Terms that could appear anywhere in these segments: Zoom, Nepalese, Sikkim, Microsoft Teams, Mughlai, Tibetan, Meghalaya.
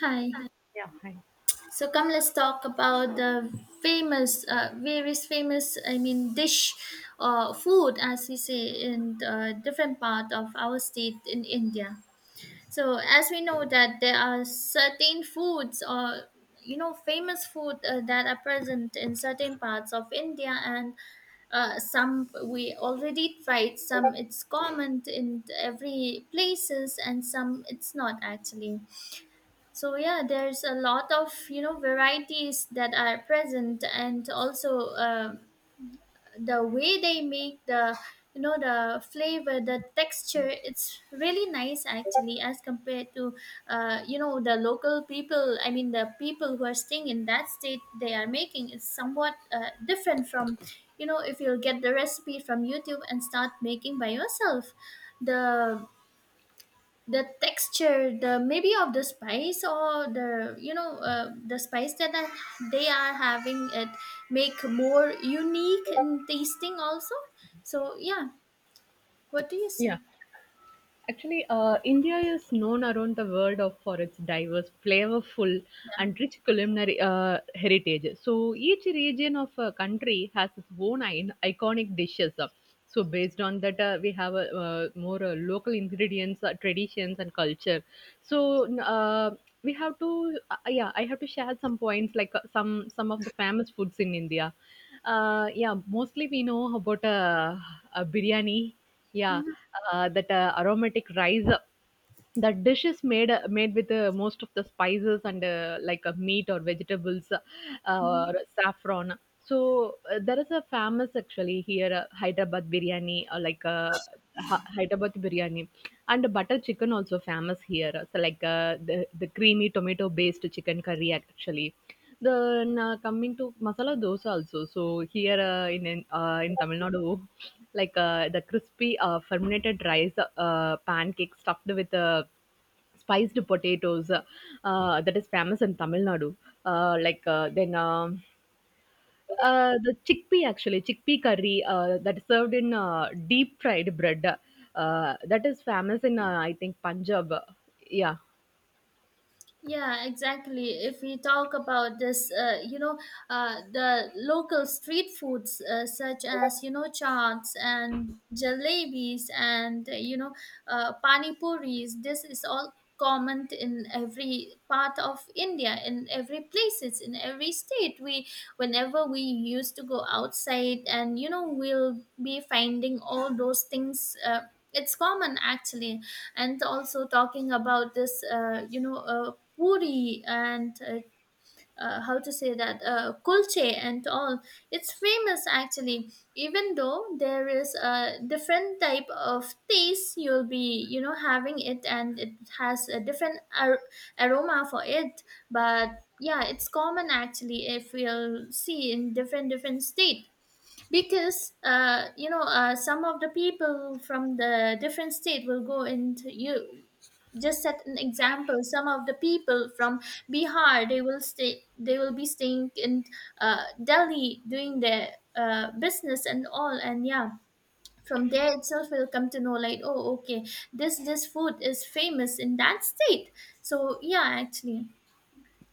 Hi. Yeah, hi. So come, let's talk about the famous, various famous, I mean, dish or food, as we say in different part of our state in India. So as we know that there are certain foods or famous food that are present in certain parts of India. And some we already tried, some it's common in every places, and some it's not actually. So yeah, there's a lot of varieties that are present. And also the way they make the, the flavor, the texture, it's really nice actually as compared to the local people. I mean, the people who are staying in that state, they are making is somewhat different from, if you'll get the recipe from youtube and start making by yourself, the texture, the maybe of the spice, or the you know the spice that they are having it, make more unique in tasting also. So yeah, what do you say? Yeah, actually, India is known around the world of for its diverse, flavorful, and rich culinary heritage. So each region of a country has its own iconic dishes. So based on that, we have more local ingredients, traditions, and culture. So n- uh, we have to, yeah, I have to share some points like some of the famous foods in India. Yeah, mostly we know about biryani. Yeah, Mhm. That aromatic rice. That dish is made made with most of the spices and like meat or vegetables, or saffron. So there is a famous actually here, Hyderabad biryani, or like Hyderabad biryani, and butter chicken also famous here. So like the creamy tomato based chicken curry actually. Then, coming to masala dosa also. So here in Tamil Nadu, like the crispy fermented rice pancake stuffed with spiced potatoes, that is famous in Tamil Nadu. Uh, like uh, then um the chickpea curry that is served in deep fried bread, that is famous in, I think, Punjab. Yeah. Yeah, exactly. If we talk about this, the local street foods, such as chaats and jalebis, and pani puris. This is all common in every part of India, in every places, in every state. We Whenever we used to go outside and we'll be finding all those things, it's common actually. And also talking about this, puri and how to say that, kulche and all. It's famous actually, even though there is a different type of taste you'll be having it, and it has a different aroma for it. But yeah, it's common actually if we'll see in different different state. Because some of the people from the different state will go into, you just set an example, some of the people from Bihar, they will stay, they will be staying in Delhi doing their business and all. And yeah, from there itself we'll come to know like, oh okay, this food is famous in that state. So yeah, actually.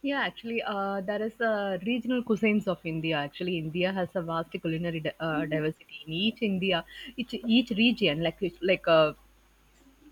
Yeah, actually, there is, regional cuisines of India. Actually, India has a vast culinary diversity in each India, each region. Like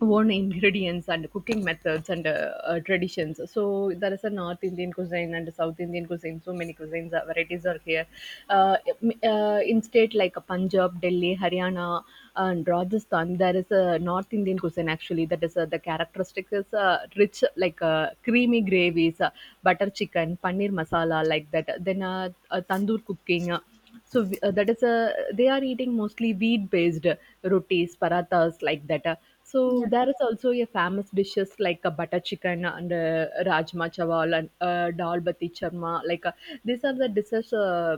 own ingredients and cooking methods and traditions. So there is a North Indian cuisine and South Indian cuisine. So many cuisines, varieties are here. In state like Punjab, Delhi, Haryana, and Rajasthan, there is a North Indian cuisine actually. That is, the characteristic is rich like creamy gravies, butter chicken, paneer masala like that. Then tandoor cooking. That is a they are eating mostly wheat based rotis parathas like that. So there is also a famous dishes like a butter chicken and rajma chawal and dal bati charma like these are the dishes, uh,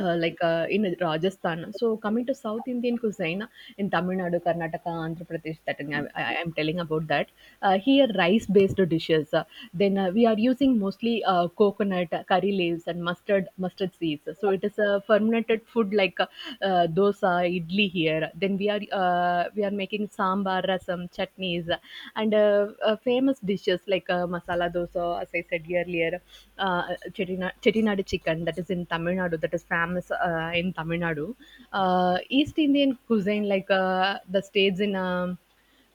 uh, like uh, in Rajasthan. So coming to South Indian cuisine in Tamil Nadu, Karnataka, Andhra Pradesh, that thing I am telling about that. Here rice-based dishes. Then we are using mostly coconut, curry leaves, and mustard seeds. So it is a fermented food like dosa, idli here. Then we are making sambar, rasam, chutneys, and famous dishes like masala dosa, as I said earlier, Chettinad chicken, that is in Tamil Nadu, that is famous in Tamil Nadu. East Indian cuisine, like the states in um,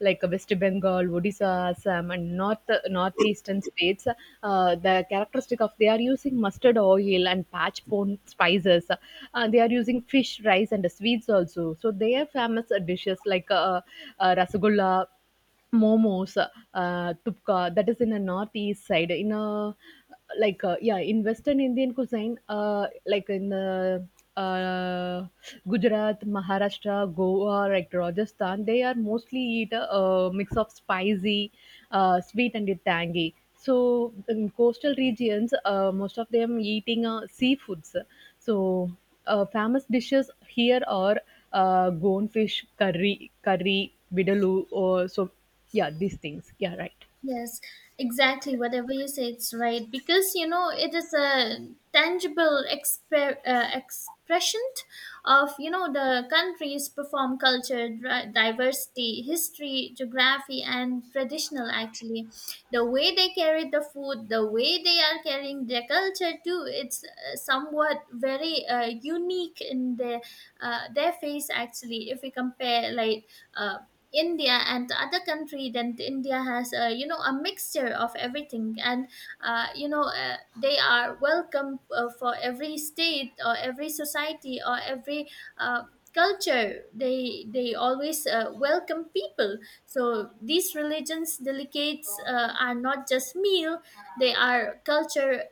like West Bengal, Odisha, Assam, and North northeastern states, the characteristic of they are using mustard oil and patch pone spices. They are using fish, rice, and sweets also. So they are famous dishes like rasgulla, momos, tupka, that is in the northeast side. In a like Yeah, in Western Indian cuisine, like in uh, Gujarat, Maharashtra, Goa, like Rajasthan, they are mostly eat a, mix of spicy, sweet, and tangy. So in coastal regions, most of them eating seafoods. So famous dishes here are goldfish curry, curry, vidaloo, or so yeah, these things. Yeah, right. Yes, exactly. Whatever you say, it's right, because it is a tangible expression of, the country's perform culture, diversity, history, geography, and traditional. Actually, the way they carry the food, the way they are carrying their culture too, it's somewhat very unique in their face. Actually, if we compare like uh, India and the other country, then India has a, a mixture of everything. And they are welcome for every state or every society or every uh, culture. They always welcome people. So these religions delicates are not just meal, they are culture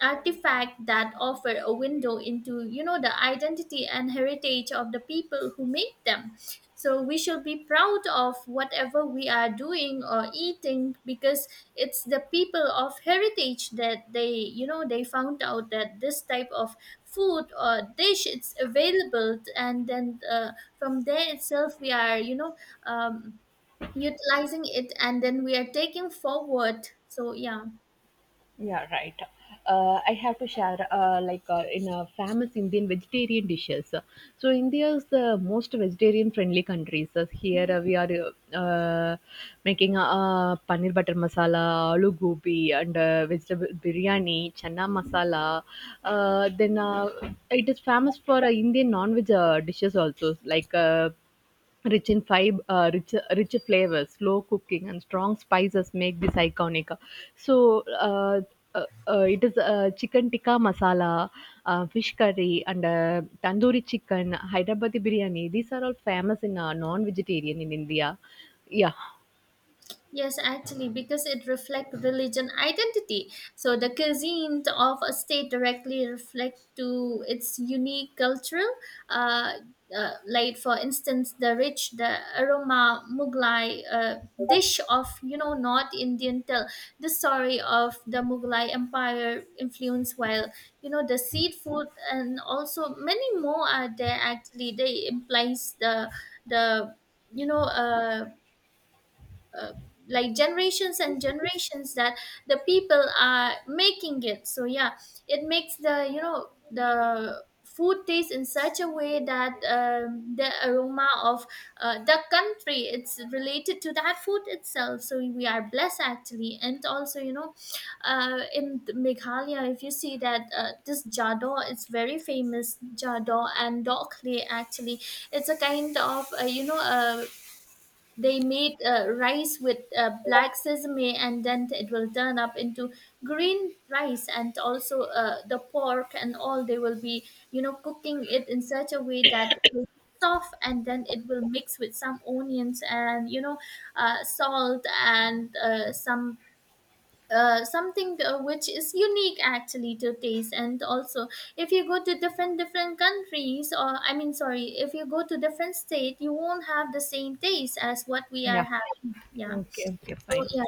artifact that offer a window into, the identity and heritage of the people who make them. So we should be proud of whatever we are doing or eating, because it's the people of heritage that they, they found out that this type of food or dish it's available. And then from there itself we are, um, utilizing it, and then we are taking forward. So yeah. Yeah, right. I have to share in a famous Indian vegetarian dishes. So India is the most vegetarian friendly country. So here we are making paneer butter masala, aloo gobi, and vegetable biryani, chana masala. Then It is famous for Indian non-veg dishes also, like. Rich in fiber, rich flavors, slow cooking, and strong spices make this iconic. So it is, chicken tikka masala, fish curry, and tandoori chicken, Hyderabadi biryani. These are all famous in non-vegetarian in India. Yeah, Yes, actually, because it reflects religion identity. So the cuisine of a state directly reflect to its unique cultural, uh, like for instance, the rich, the aroma Mughlai dish of, North Indian, Tell the story of the Mughlai Empire influence, while the seed food and also many more are there. Actually, they implies the you know uh, like generations and generations that the people are making it. So yeah, it makes the, the food taste in such a way that the aroma of the country it's related to that food itself. So we are blessed actually. And also, in Meghalaya, if you see that, this jado, it's very famous, jado and dokle actually. It's a kind of a, they make rice with black sesame, and then it will turn up into green rice. And also the pork and all. They will be, cooking it in such a way that it will be soft, and then it will mix with some onions and, salt and some, something, which is unique actually to taste. And also if you go to different different countries, or I mean sorry, if you go to different state, you won't have the same taste as what we are yeah. having. Yeah. Okay, okay, So fine. yeah,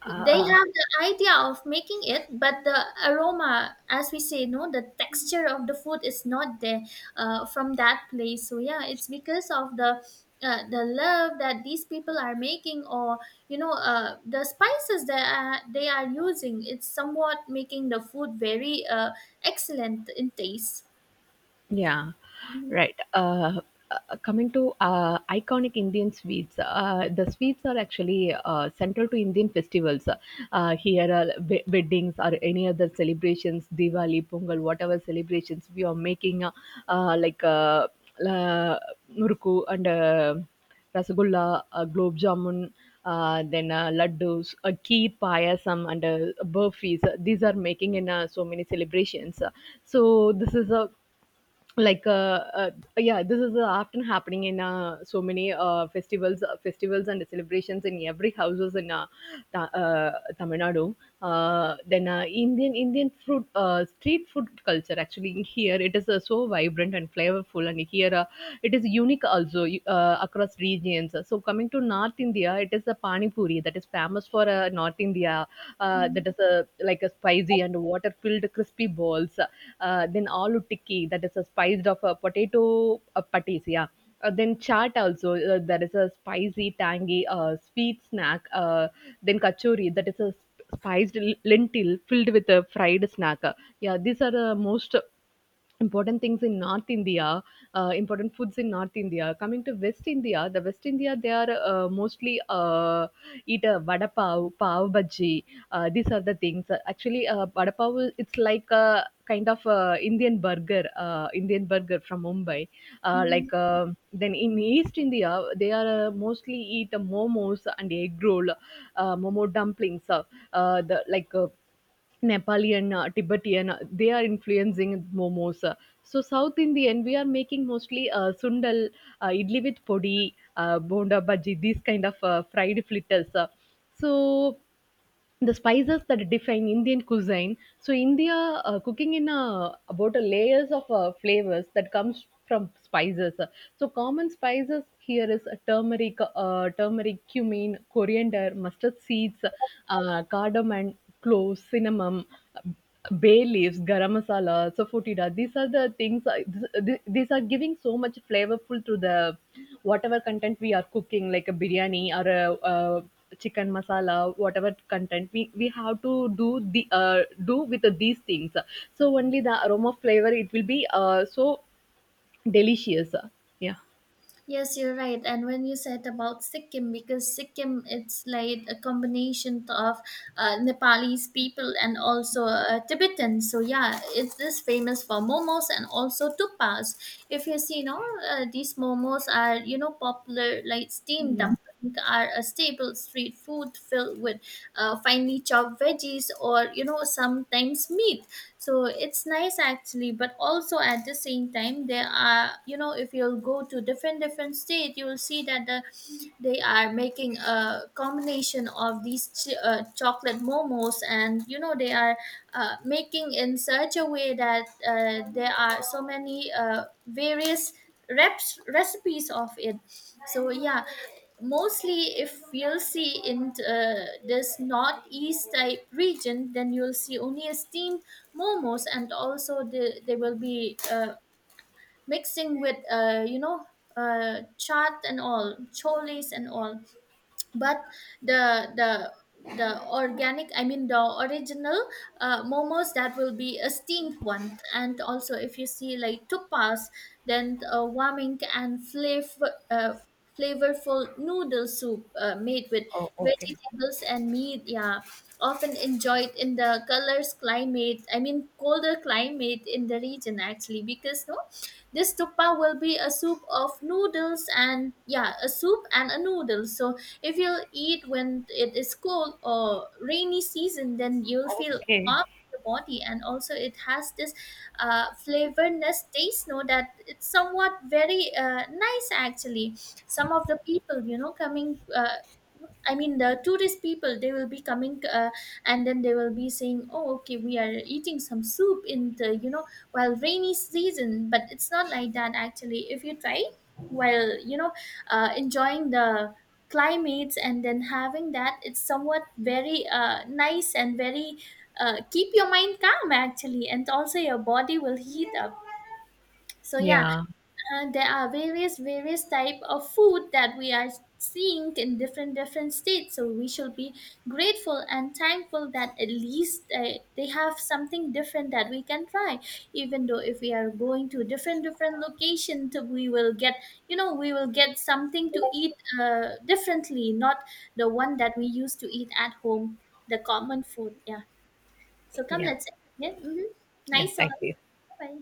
Uh, they uh, have the idea of making it, but the aroma, as we say no, the texture of the food is not there from that place. So yeah, it's because of the love that these people are making, or the spices that are, they are using, it's somewhat making the food very excellent in taste. Yeah, Mhm. right. Coming to iconic Indian sweets, the sweets are actually central to Indian festivals. Here are weddings or any other celebrations, Diwali, Pongal, whatever celebrations we are making, uh, like uh, la- Muruku and Rasagulla, Globe Jamun, then laddus, kheer payasam, and burfis. These are making in so many celebrations. So this is a like uh, uh, yeah, this is often happening in so many festivals and celebrations in every houses in Ta- uh, Tamil Nadu. Then Indian food, street food culture actually, here it is so vibrant and flavorful, and here it is unique also across regions. So coming to North India, it is the pani puri that is famous for North India. That is, like a spicy and water filled crispy balls vegetables, then aloo tikki, that is a spiced of a potato patties, yeah. Then chaat also, that is a spicy, tangy, sweet snack. Then kachori, that is a spiced lentil filled with a fried snack. Yeah, these are the most important things in North India, important foods in North India. Coming to West India, the West India, they are mostly uh, eat a vada pav, pav bhaji, these are the things actually. Vada pav, it's like a kind of Indian burger, Indian burger from Mumbai. uh, Mhm. like uh, then in East India, they are mostly eat momos and egg roll, momo dumplings, the like Nepali and Tibetan, they are influencing momos. So South Indian, we are making mostly sundal, idli with podi, bonda bhaji, these kind of fried fritters. So the spices that define Indian cuisine. So India cooking in a, about a layers of flavors that comes from spices. So common spices here is turmeric, cumin, coriander, mustard seeds, cardamom, cloves, cinnamon. Bay leaves, garam masala, safotida. These are the things. These are giving so much flavorful to the whatever content we are cooking, like a biryani or a, chicken masala, whatever content we have to do, the do with these things. So only the aroma flavor it will be so delicious. Yeah. Yes, you're right. And when you said about Sikkim, because Sikkim, it's like a combination of Nepalese people and also Tibetans. So yeah, it's this famous for momos and also tupas. If you see, these momos are, popular like steamed Yeah. dumpling, are a staple street food filled with finely chopped veggies, or sometimes meat. So it's nice actually. But also at the same time there are, if you'll go to different different state you will see that they are making a combination of these chocolate momos. And they are making in such a way that there are so many various reps recipes of it. So yeah, mostly if you'll see in this northeast type region, then you'll see only a steam momos. And also they will be mixing with chaat and all, cholis and all. But the the the organic, I mean the original momos, that will be a steamed one. And also if you see like tupas, then warming and flavorful noodle soup made with Oh, okay. vegetables and meat. Yeah. Often enjoyed in the colors climate I mean colder climate in the region, actually. Because no, this tupa will be a soup of noodles, and yeah, a soup and a noodle. So if you'll eat when it is cold or rainy season, then you'll feel Okay. warm in your body. And also it has this flavorness taste no, that it's somewhat very nice actually. Some of the people, coming, I mean, the tourist people, they will be coming and then they will be saying, oh okay, we are eating some soup in the, you know, while rainy season. But it's not like that, actually. If you try while, enjoying the climates and then having that, it's somewhat very nice, and very, keep your mind calm, actually. And also your body will heat up. So yeah, Yeah, there are various type of food that we are seeing in different different states. So we should be grateful and thankful that at least they have something different that we can try. Even though if we are going to different different locations, we will get something to eat differently, not the one that we used to eat at home, the common food. Yeah. So come, yeah let's. Yeah. Mhm. yeah Nice song. thank you. Bye.